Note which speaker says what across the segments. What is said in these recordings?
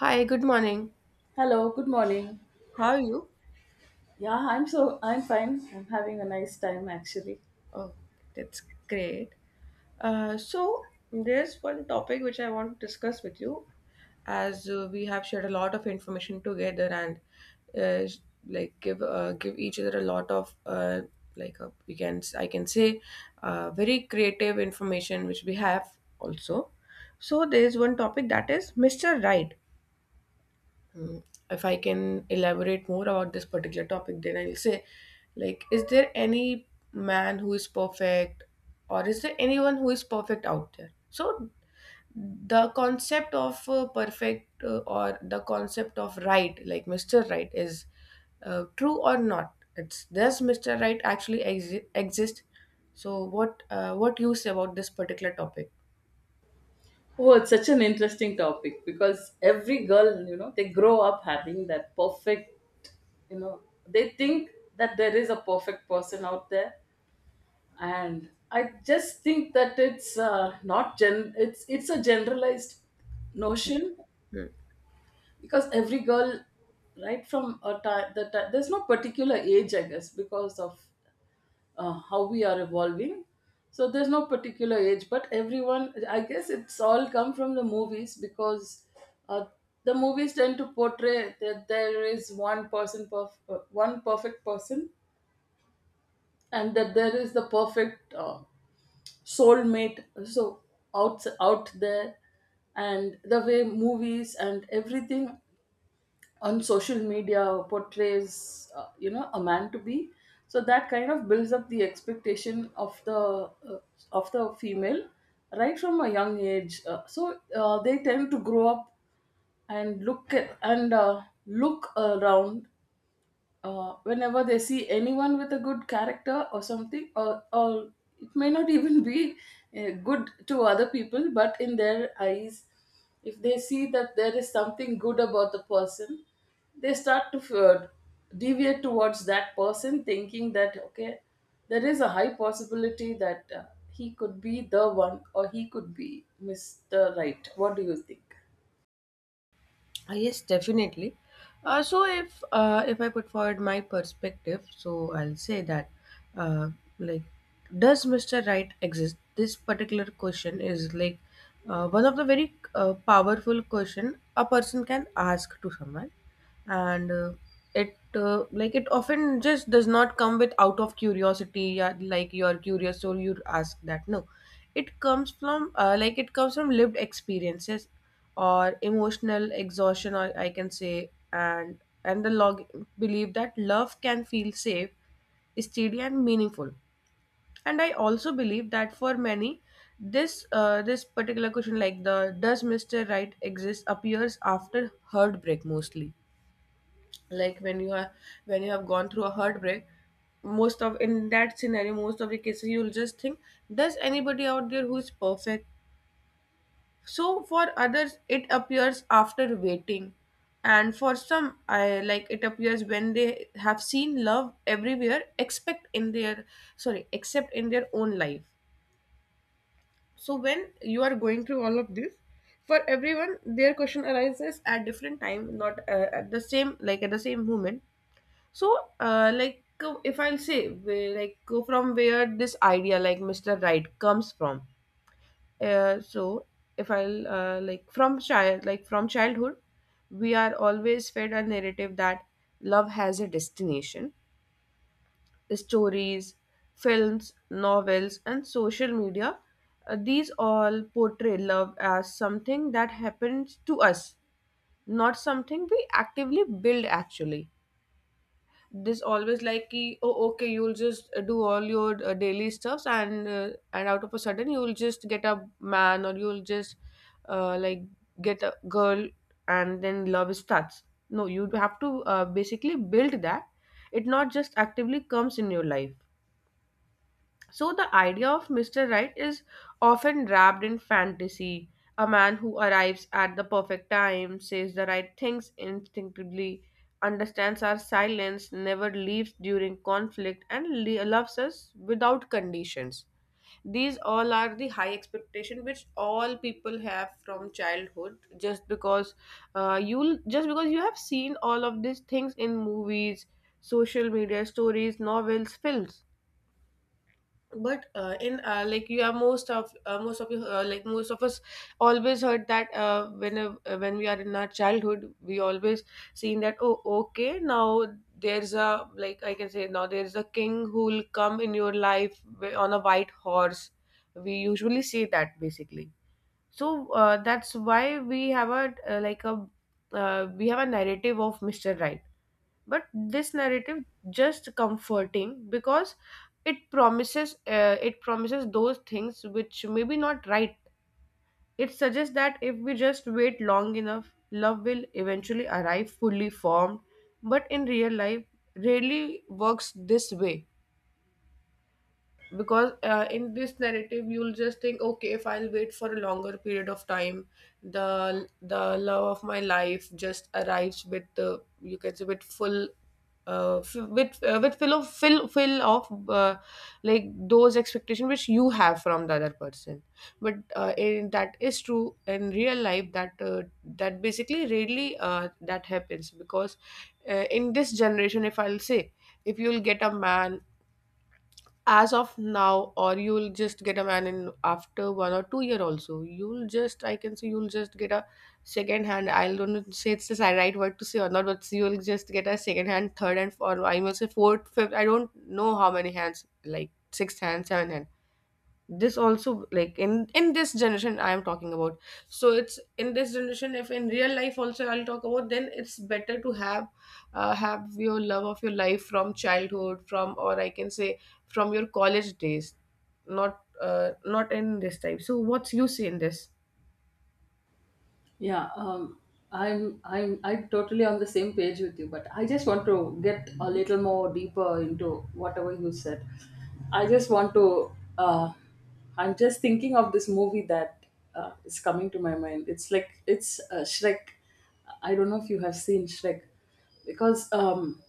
Speaker 1: Hi, good morning.
Speaker 2: Hello, good morning.
Speaker 1: How are you?
Speaker 2: Yeah, I'm so I'm fine. I'm having a nice time actually.
Speaker 1: Oh, that's great. There's one topic which I want to discuss with you as we have shared a lot of information together, and uh, sh- like give each other a lot of I can say very creative information which we have also. So, there's one topic that is Mr. Right. Mm, if I can elaborate more about this particular topic, then I'll say, like, is there any man who is perfect, or is there anyone who is perfect out there? So, the concept of perfect, or the concept of right, like Mr. Right, is true or not? It's, does Mr. Right actually exist? So, what you say about this particular topic?
Speaker 2: Oh, it's such an interesting topic, because every girl, they grow up having that perfect, you know, they think that there is a perfect person out there, and I just think that it's not gen it's a generalized notion,
Speaker 1: Hmm.
Speaker 2: because every girl, right from a time, that there's no particular age, I guess, because of how we are evolving, so there's no particular age, but everyone, I guess, it's all come from the movies, because uh, the movies tend to portray that there is one person, one perfect person, and that there is the perfect soulmate, so out there. And the way movies and everything on social media portrays, a man to be, so that kind of builds up the expectation of the, uh, of the female, right from a young age. So they tend to grow up and look at, and look around, whenever they see anyone with a good character or something, or it may not even be good to other people, but in their eyes, if they see that there is something good about the person, they start to uh, deviate towards that person, thinking that, okay, there is a high possibility that he could be the one, or he could be Mr. Right. What do you think?
Speaker 1: Yes, definitely. So if I put forward my perspective, so I'll say that uh, like does Mr. Right exist? This particular question is like one of the very powerful question a person can ask to someone, and it like it often just does not come with out of curiosity. Yeah, like you're curious, so you ask that. No, it comes from like it comes from lived experiences or emotional exhaustion, or I can say, and the log, believe that love can feel safe, steady and meaningful. And I also believe that for many, this this particular question, like the does Mr. Right exist, appears after heartbreak mostly. Like when you are, when you have gone through a heartbreak, most of, in that scenario, most of the cases, you'll just think, does anybody out there who is perfect? So for others, it appears after waiting, and for some, I like it appears when they have seen love everywhere, except in their, sorry, except in their own life. So when you are going through all of this, for everyone, their question arises at different time, not at the same, like at the same moment. So if I'll say from where this idea like Mr. Right comes from, so if I'll like from childhood we are always fed a narrative that love has a destination. Stories, films, novels and social media, these all portray love as something that happens to us, not something we actively build actually. This always like ki, oh okay, you'll just do all your daily stuffs, and out of a sudden you'll just get a man, or you'll just uh, like get a girl, and then love starts. No, you have to basically build that. It not just actively comes in your life. So, the idea of Mr. Right is often wrapped in fantasy. A man who arrives at the perfect time, says the right things instinctively, understands our silence, never leaves during conflict, and loves us without conditions. These all are the high expectation which all people have from childhood. Just because you just because you have seen all of these things in movies, social media, stories, novels, films. But in like you are, most of you, like most of us, always heard that, when we are in our childhood, we always seen that, oh okay, now there's a, like I can say, now there's a king who will come in your life, on a white horse, we usually say that basically. So that's why we have a, we have a narrative of Mr. Right. But this narrative just comforting, because it promises, it promises those things which may be not right. It suggests that if we just wait long enough, love will eventually arrive fully formed. But in real life, rarely works this way. Because in this narrative, you'll just think, okay, if I'll wait for a longer period of time, the love of my life just arrives with the, you can say, with full f- with fill of fill of like those expectations which you have from the other person. But that is true in real life that that basically rarely that happens. Because in this generation, if I'll say, if you'll get a man as of now, or you'll just get a man in after 1 or 2 year also, you'll just, I can say, you'll just get a second hand, I don't know, say it's the right word to say or not, but you'll just get a second hand, third hand, or I must say fourth, fifth, I don't know how many hands, like sixth hand, seventh hand. This also, like in this generation I am talking about. So it's, in this generation, if in real life also I'll talk about, then it's better to have your love of your life from childhood, from, or I can say from your college days, not not in this type. So what's you say in this?
Speaker 2: Yeah, I'm totally on the same page with you, but I just want to get a little more deeper into whatever you said. I just want to. Uh, I'm just thinking of this movie that is coming to my mind. It's like it's Shrek. I don't know if you have seen Shrek, because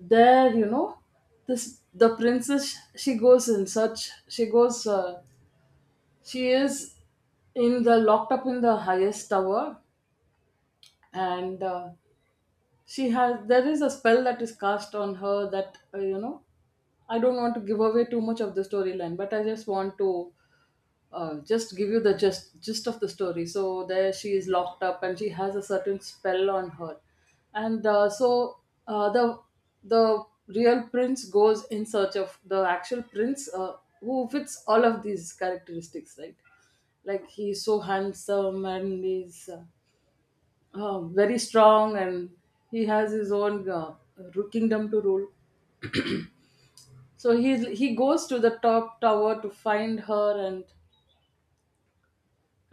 Speaker 2: there, this the princess, she goes in such, she goes, she is in the locked up in the highest tower. And she has there is a spell that is cast on her, that I don't want to give away too much of the storyline, but I just want to just give you the gist of the story. So there she is, locked up, and she has a certain spell on her. And uh, the the real prince goes in search of the actual prince, who fits all of these characteristics, right? Like, he's so handsome, and he's very strong, and he has his own, kingdom to rule. So he goes to the top tower to find her, and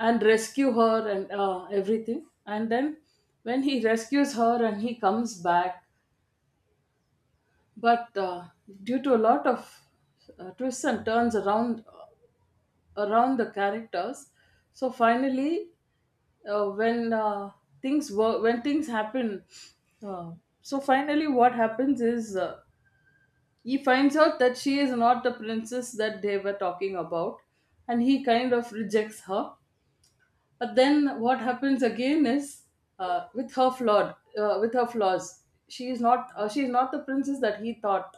Speaker 2: rescue her, and everything, and then when he rescues her and he comes back, but due to a lot of twists and turns around the characters. So finally, uh, when uh, when things happen, uh, so finally what happens is, he finds out that she is not the princess that they were talking about, and he kind of rejects her. But then what happens again is, with her flaws, she is not the princess that he thought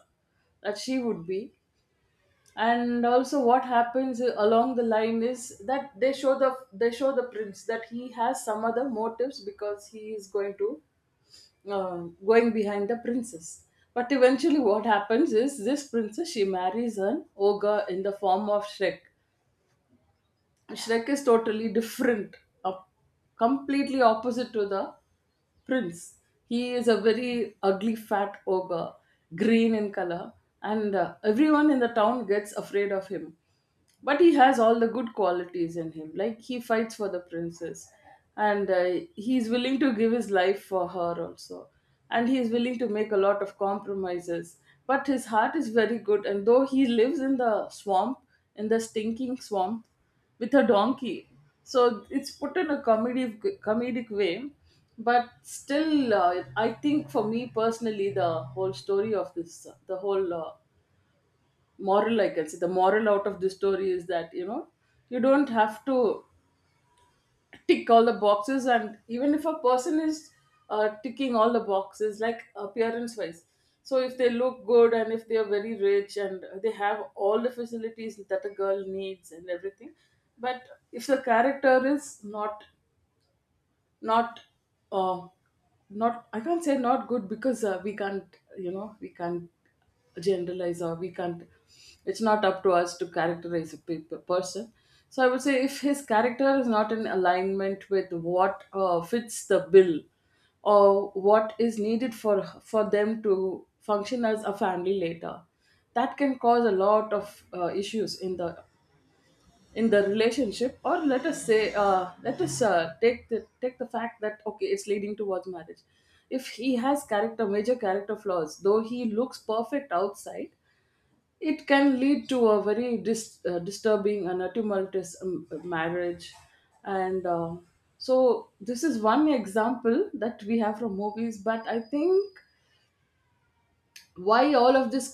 Speaker 2: that she would be. And also, what happens along the line is that they show the prince that he has some other motives, because he is going to, going behind the princess. But eventually, what happens is, this princess, she marries an ogre in the form of Shrek. Shrek is totally different, up, completely opposite to the Prince. He is a very ugly, fat ogre, green in color, and everyone in the town gets afraid of him. But he has all the good qualities in him. Like, he fights for the princess, and he is willing to give his life for her also, and he is willing to make a lot of compromises. But his heart is very good, and though he lives in the swamp, in the stinking swamp, with a donkey. So it's put in a comedic way. But still, I think for me personally, the whole story of this, the whole moral, I can say, the moral out of this story is that, you know, you don't have to tick all the boxes. And even if a person is ticking all the boxes, like appearance wise, so if they look good, and if they are very rich, and they have all the facilities that a girl needs and everything, but if the character is not uh, not, I can't say not good, because we can't generalize, or we can't, it's not up to us to characterize a person. So I would say, if his character is not in alignment with what fits the bill, or what is needed for them to function as a family later, that can cause a lot of issues in the, in the relationship, or let us say, let us take the, fact that, okay, it's leading towards marriage. If he has character, major character flaws, though he looks perfect outside, it can lead to a very disturbing and a tumultuous marriage. And so this is one example that we have from movies, but I think, why all of this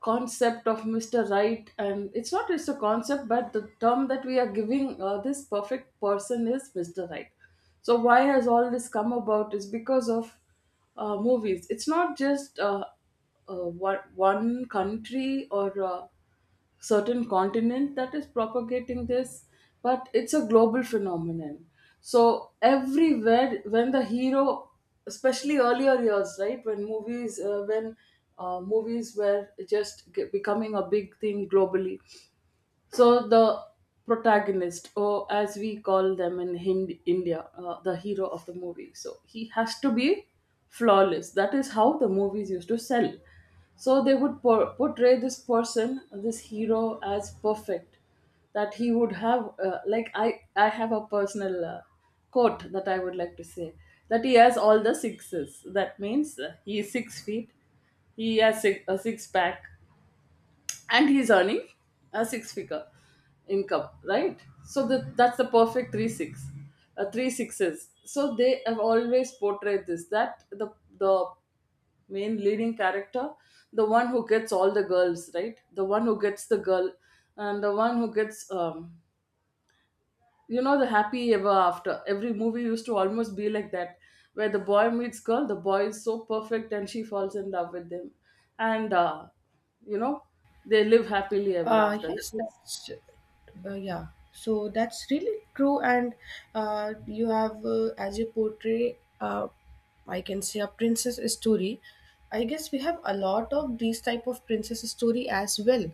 Speaker 2: concept of Mr. Right, and it's not just a concept, but the term that we are giving, this perfect person, is Mr. Right. So why has all this come about is because of movies. It's not just one country, or certain continent, that is propagating this, but it's a global phenomenon. So everywhere, when the hero, especially earlier years, right, when movies were just becoming a big thing globally, so the protagonist, or as we call them in India, the hero of the movie, so he has to be flawless. That is how the movies used to sell. So they would portray this person, this hero, as perfect. That he would have, like I have a personal quote that I would like to say. That he has all the sixes. That means he is 6 feet. He has a six pack, and he's earning a six figure income, right? so the that's the perfect three sixes. So they have always portrayed this, that the main leading character, the one who gets all the girls, right, the one who gets the girl, and the one who gets, the happy ever after. Every movie used to almost be like that, where the boy meets girl, the boy is so perfect, and she falls in love with him, and you know they live happily ever after. That
Speaker 1: Yes,
Speaker 2: is—
Speaker 1: that's yeah. So that's really true, and you have as you portray, I can say a princess story. I guess we have a lot of these type of princess story as well.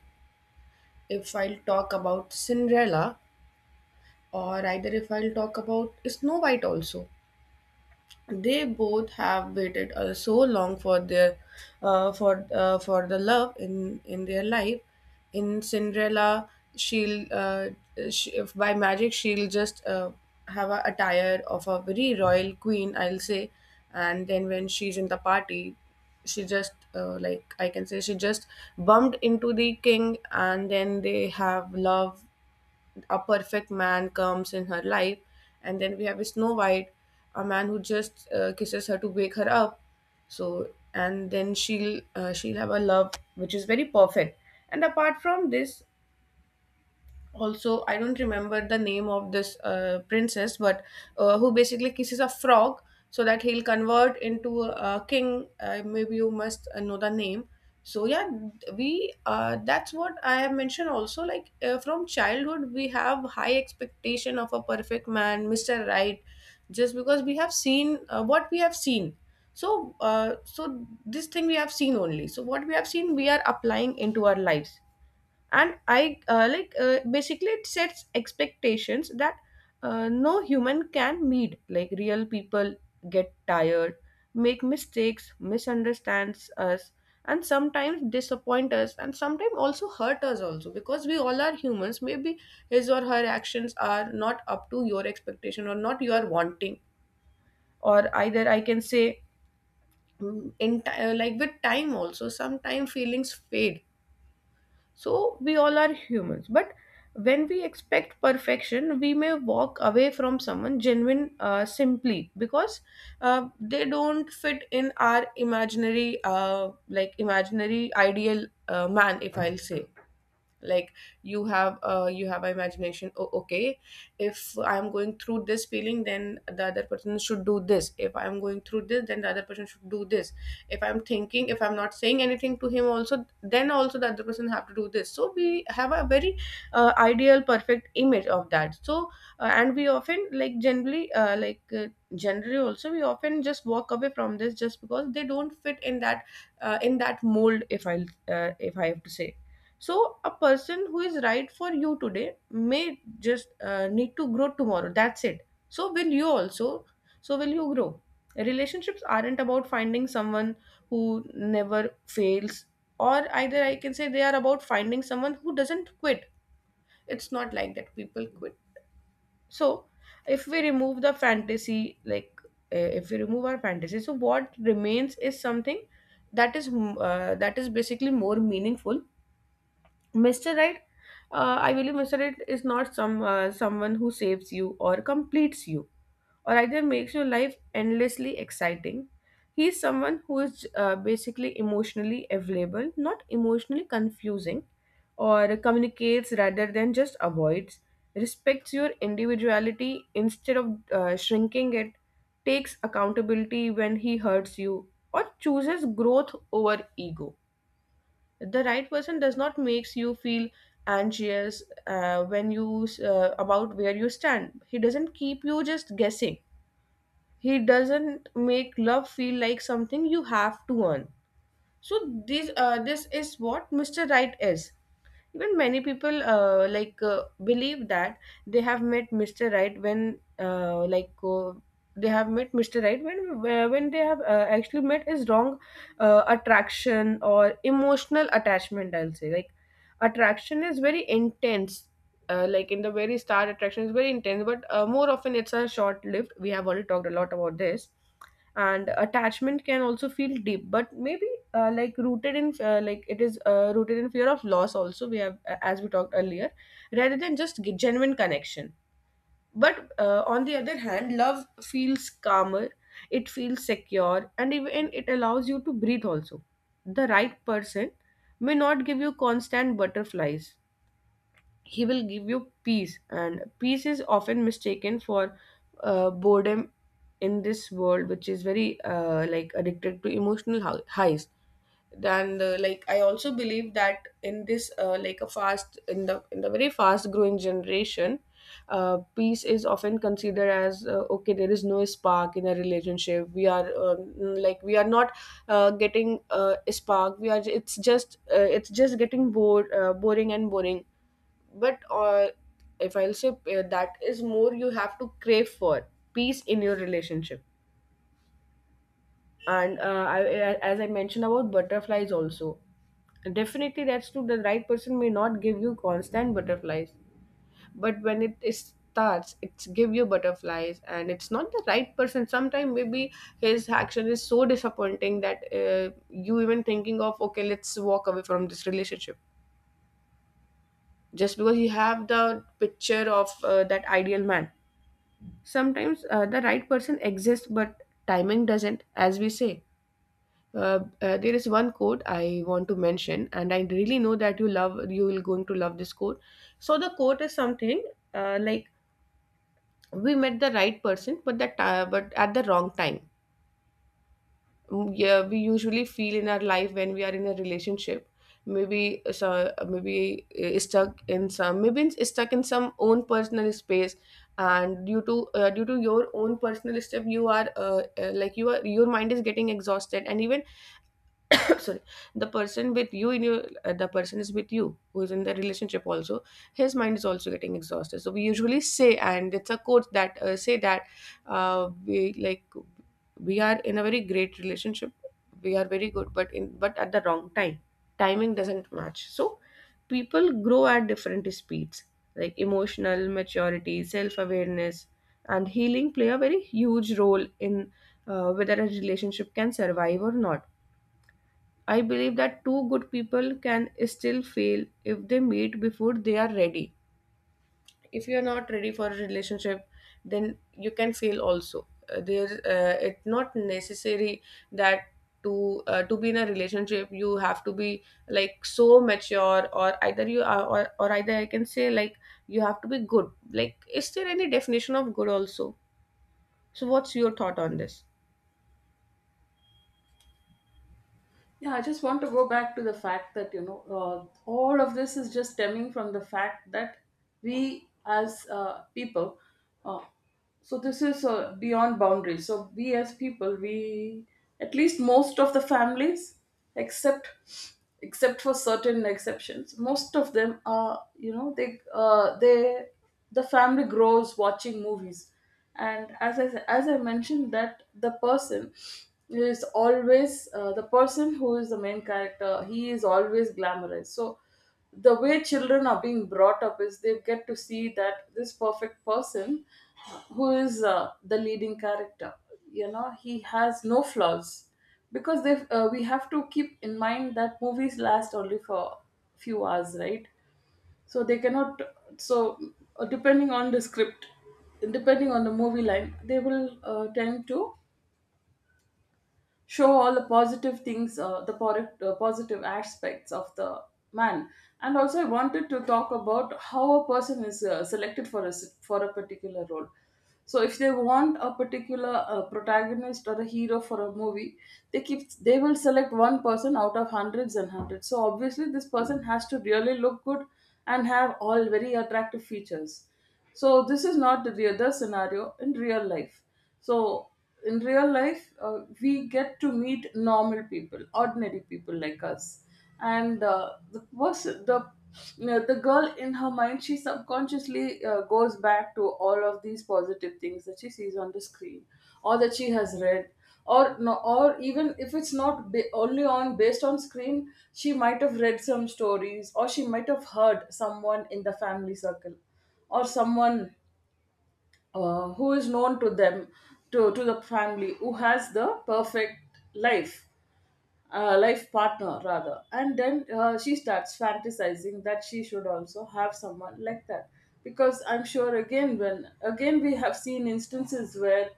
Speaker 1: If I'll talk about Cinderella, or either if I'll talk about Snow White also, they both have waited so long for their for the love in their life. In Cinderella, she'll uh, she, if by magic, she'll just have a attire of a very royal queen, I'll say. And then when she's in the party, she just like I can say, she just bumped into the king, and then they have love, a perfect man comes in her life. And then we have a Snow White, a man who just kisses her to wake her up. So and then she'll have a love which is very perfect. And apart from this, also I don't remember the name of this princess, but who basically kisses a frog so that he'll convert into a king. Maybe you must know the name. So yeah, we that's what I have mentioned also. Like from childhood we have high expectation of a perfect man, Mr. Right, just because we have seen what we have seen. So so this thing we have seen only, so what we have seen we are applying into our lives. And I like basically it sets expectations that no human can meet. Like real people get tired, make mistakes, misunderstands us, and sometimes disappoint us, and sometimes also hurt us also, because we all are humans. Maybe his or her actions are not up to your expectation, or not you are wanting, or either I can say, like with time also sometimes feelings fade. So we all are humans, but when we expect perfection, we may walk away from someone genuine, simply because they don't fit in our imaginary, imaginary ideal man, if I'll say. Like you have an imagination, oh, okay, if I'm going through this feeling, then the other person should do this, if I'm going through this, then the other person should do this, if I'm thinking, if I'm not saying anything to him also, then also the other person have to do this. So we have a very ideal perfect image of that. So and we often, like generally, generally also, we often just walk away from this just because they don't fit in that, in that mold, if I have to say. So a person who is right for you today may just need to grow tomorrow, that's it. So will you also, so will you grow? Relationships aren't about finding someone who never fails, or either I can say they are about finding someone who doesn't quit. It's not like that people quit. So if we remove the fantasy, like if we remove our fantasy, so what remains is something that is that is basically more meaningful. Mr. Right, I believe Mr. Right is not someone who saves you or completes you, or either makes your life endlessly exciting. He is someone who is basically emotionally available, not emotionally confusing, or communicates rather than just avoids, respects your individuality instead of shrinking it, takes accountability when he hurts you, or chooses growth over ego. The right person does not makes you feel anxious when you about where you stand. He doesn't keep you just guessing. He doesn't make love feel like something you have to earn. So this is what Mr. Right is. Even many people believe that they have met Mr. Right when like they have met mr right when they have actually met is wrong. Attraction or emotional attachment, I'll say, like attraction is very intense. Like in the very start attraction is very intense, but more often it's a short lived. We have already talked a lot about this. And attachment can also feel deep but maybe rooted in like it is rooted in fear of loss also. We have as we talked earlier, rather than just genuine connection. But on the other hand love feels calmer. It feels secure and even it allows you to breathe also. The right person may not give you constant butterflies. He will give you peace, and peace is often mistaken for boredom in this world which is very addicted to emotional highs. And I also believe that in this like a fast in the very fast growing generation, peace is often considered as okay, there is no spark in a relationship. We are we are not getting a spark. We are, it's just getting bored, boring and boring. But if I'll say that is more, you have to crave for peace in your relationship. And I, as I mentioned about butterflies also, definitely that's true, the right person may not give you constant butterflies, but when it is starts it's give you butterflies. And it's not the right person sometimes, maybe his action is so disappointing that you even thinking of okay, let's walk away from this relationship just because you have the picture of that ideal man. Sometimes the right person exists but timing doesn't, as we say. There is one quote I want to mention, and I really know that you love, you will going to love this quote. So the quote is something uh, like we met the right person but that but at the wrong time. Yeah, we usually feel in our life when we are in a relationship, maybe so, maybe stuck in some maybe it's stuck in some own personal space. And due to due to your own personal stuff, you are you are, your mind is getting exhausted. And even sorry, the person with you in your the person is with you who is in the relationship also, his mind is also getting exhausted. So we usually say, and it's a quote that say that, uh, we like we are in a very great relationship, we are very good, but in but at the wrong time, timing doesn't match. So people grow at different speeds, like emotional maturity, self-awareness, and healing play a very huge role in whether a relationship can survive or not. I believe that two good people can still fail if they meet before they are ready. If you are not ready for a relationship, then you can fail also. It's not necessary that to be in a relationship you have to be like so mature, or either you are, or either I can say like, you have to be good. Like, is there any definition of good also? So, what's your thought on this?
Speaker 2: Yeah, I just want to go back to the fact that, you know, all of this is just stemming from the fact that we as people, uh, so this is beyond boundaries. So we, as people, we, at least most of the families, except, except for certain exceptions, most of them are, you know, the family grows watching movies. And as I mentioned, that the person is always, the person who is the main character, he is always glamorized. So the way children are being brought up is, they get to see that this perfect person, who is the leading character, you know, he has no flaws, because they we have to keep in mind that movies last only for few hours, right? So they cannot, so depending on the script, depending on the movie line, they will tend to show all the positive things, positive aspects of the man. And also, I wanted to talk about how a person is selected for a particular role. So if they want a particular protagonist or a hero for a movie, they will select one person out of hundreds and hundreds. So obviously, this person has to really look good and have all very attractive features. So this is not the scenario in real life. So in real life, we get to meet normal people, ordinary people like us, and the person, the you know, the girl in her mind, she subconsciously goes back to all of these positive things that she sees on the screen, or that she has read, or no, or even if it's not ba- only on based on screen, she might have read some stories, or she might have heard someone in the family circle or someone who is known to them to the family who has the perfect life life partner rather, and then she starts fantasizing that she should also have someone like that, because I'm sure, again we have seen instances where,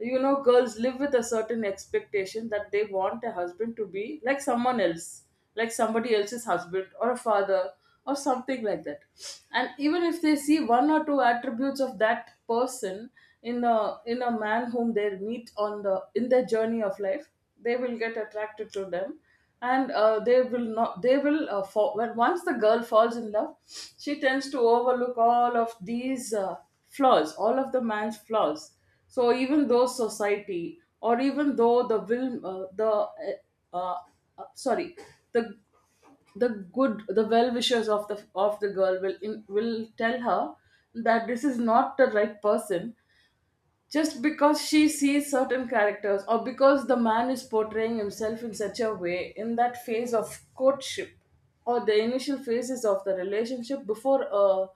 Speaker 2: you know, girls live with a certain expectation that they want a husband to be like someone else, like somebody else's husband or a father or something like that. And even if they see one or two attributes of that person in a man whom they meet on the in their journey of life, they will get attracted to them. And they will not they will fall when once the girl falls in love, she tends to overlook all of these flaws all of the man's flaws. So even though society, or even though the will the uh, sorry the the good the well wishers of the girl will will tell her that this is not the right person, just because she sees certain characters, or because the man is portraying himself in such a way in that phase of courtship or the initial phases of the relationship before a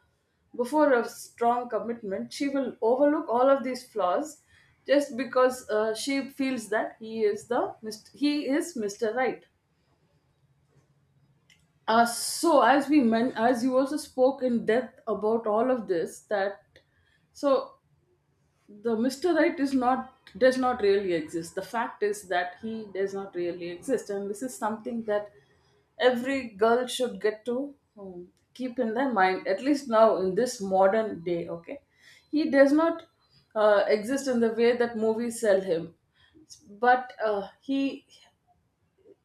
Speaker 2: before a strong commitment, she will overlook all of these flaws just because she feels that he is Mr. Right. Uh, so as we men as you also spoke in depth about all of this, that so the Mr. Right is not does not really exist. The fact is that he does not really exist, and this is something that every girl should get to keep in their mind. At least now in this modern day, okay, he does not exist in the way that movies sell him, but he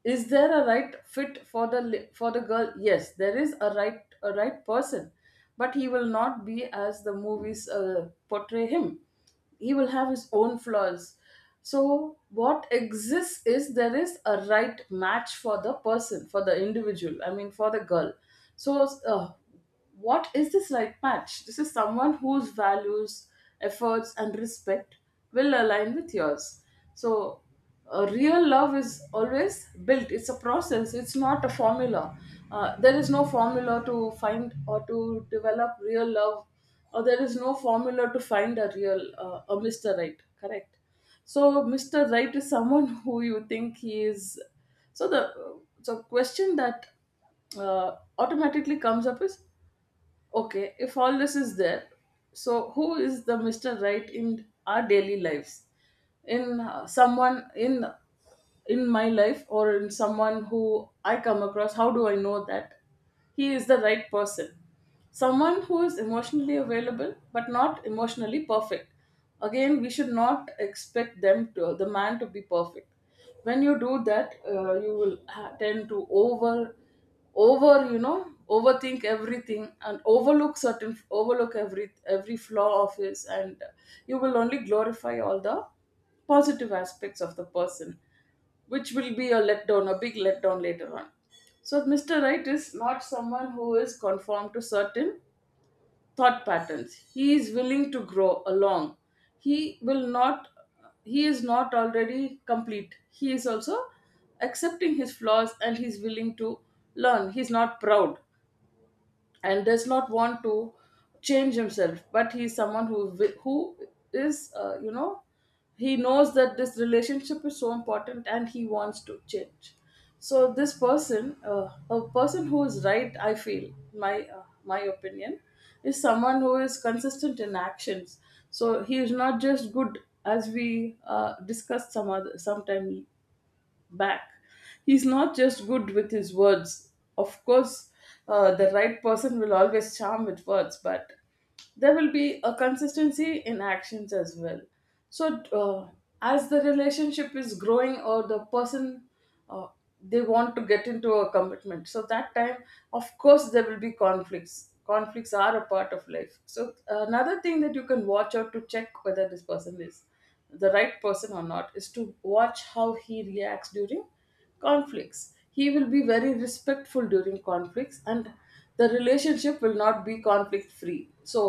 Speaker 2: is there a right fit for for the girl? Yes, there is a right person, but he will not be as the movies portray him. He will have his own flaws. So what exists is there is a right match for the person, for the individual, I mean for the girl. So what is this right match? This is someone whose values, efforts and respect will align with yours. So real love is always built. It's a process, it's not a formula. There is no formula to find or to develop real love, or there is no formula to find a real a Mr. Right, correct? So Mr. Right is someone who you think he is. So the question that automatically comes up is, okay, if all this is there, so who is the Mr. Right in our daily lives? In someone in my life, or in someone who I come across, how do I know that he is the right person? Someone who is emotionally available but not emotionally perfect. Again, we should not expect the man to be perfect. When you do that, tend to over over you know, overthink everything and overlook every flaw of his, and you will only glorify all the positive aspects of the person, which will be a big letdown later on. So Mr. Right is not someone who is conformed to certain thought patterns. He is willing to grow along. He will not he is not already complete. He is also accepting his flaws and he's willing to learn. He's not proud and does not want to change himself, but he's someone who is, you know, he knows that this relationship is so important and he wants to change. So this person, a person who is right, I feel, my opinion, is someone who is consistent in actions. So he is not just good, as we discussed sometime back. He's not just good with his words. Of course, the right person will always charm with words, but there will be a consistency in actions as well. So, as the relationship is growing, or the person, uh, they want to get into a commitment, so that time, of course, there will be conflicts. Conflicts are a part of life. So another thing that you can watch out to check whether this person is the right person or not is to watch how he reacts during conflicts. He will be very respectful during conflicts, and the relationship will not be conflict free. So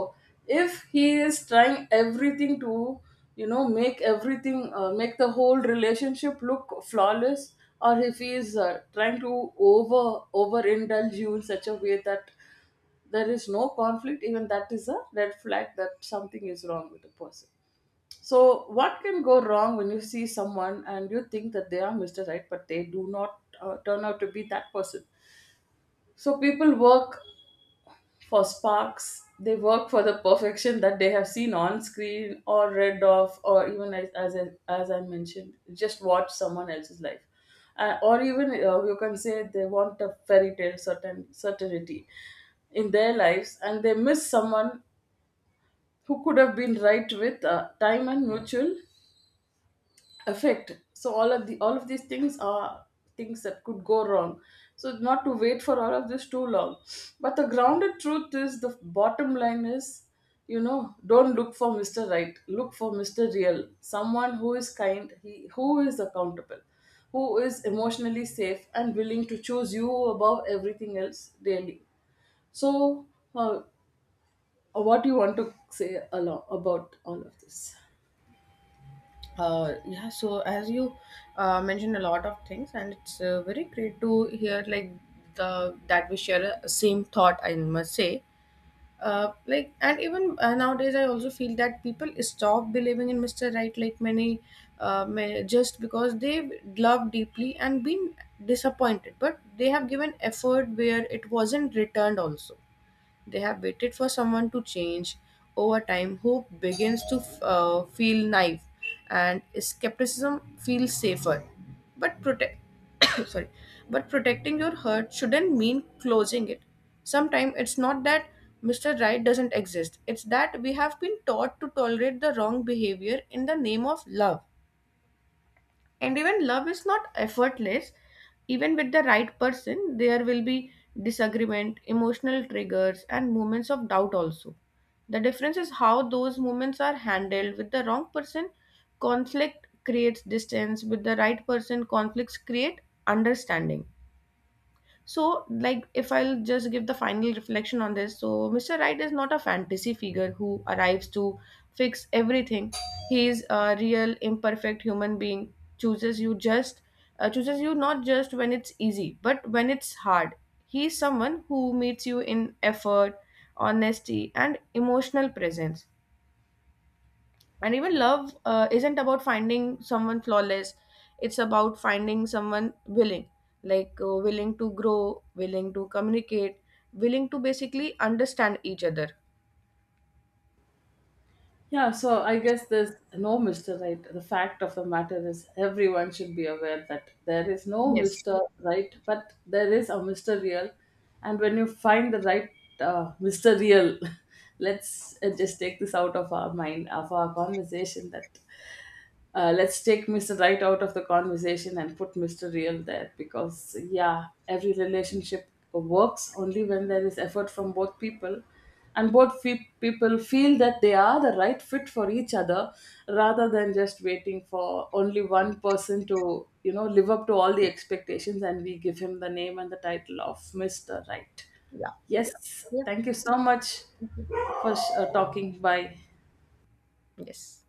Speaker 2: if he is trying everything to, you know, make everything, make the whole relationship look flawless, or if he is trying to over over indulge you in such a way that there is no conflict, even that is a red flag, that something is wrong with the person. So what can go wrong when you see someone and you think that they are Mr. Right, but they do not turn out to be that person? So people work for sparks. They work for the perfection that they have seen on screen or read of, or even as I mentioned, just watch someone else's life. Or even you can say they want a fairy tale, certainty in their lives, and they miss someone who could have been right with time and mutual effect. So all of these things are things that could go wrong. So not to wait for all of this too long, but the grounded truth is, the bottom line is, you know, don't look for Mr. Right, look for Mr. Real. Someone who is kind, he who is accountable, who is emotionally safe and willing to choose you above everything else, daily. So, uh, what do you want to say about all of this?
Speaker 1: Yeah, so as you mentioned a lot of things and it's very great to hear, like the that we share a same thought, I must say. And even nowadays I also feel that people stop believing in Mr. Right, like many just because they love deeply and been disappointed, but they have given effort where it wasn't returned also. They have waited for someone to change over time, who begins to feel naive and skepticism feels safer. But protect sorry, but protecting your heart shouldn't mean closing it. Sometimes it's not that Mr. Right doesn't exist, it's that we have been taught to tolerate the wrong behavior in the name of love. And even love is not effortless. Even with the right person, there will be disagreement, emotional triggers, and moments of doubt also. The difference is how those moments are handled. With the wrong person, conflict creates distance. With the right person, conflicts create understanding. So, like, if I'll just give the final reflection on this, so Mr. Right is not a fantasy figure who arrives to fix everything. He is a real, imperfect human being. Chooses you just, chooses you not just when it's easy, but when it's hard. He is someone who meets you in effort, honesty, and emotional presence. And even love isn't about finding someone flawless, it's about finding someone willing, willing to grow, willing to communicate, willing to basically understand each other.
Speaker 2: Yeah, so I guess there's no Mr. Right. The fact of the matter is, everyone should be aware that there is no
Speaker 1: Yes.
Speaker 2: Mr. Right, but there is a Mr. Real. And when you find the right Mr. Real, let's just take this out of our mind, of our conversation, that let's take Mr. Right out of the conversation and put Mr. Real there, because, yeah, every relationship works only when there is effort from both people, and people feel that they are the right fit for each other, rather than just waiting for only one person to, you know, live up to all the expectations, and we give him the name and the title of Mr. Right.
Speaker 1: Yeah.
Speaker 2: Yes,
Speaker 1: Yeah.
Speaker 2: thank you so much
Speaker 1: Mhm.
Speaker 2: for talking. Bye.
Speaker 1: Yes.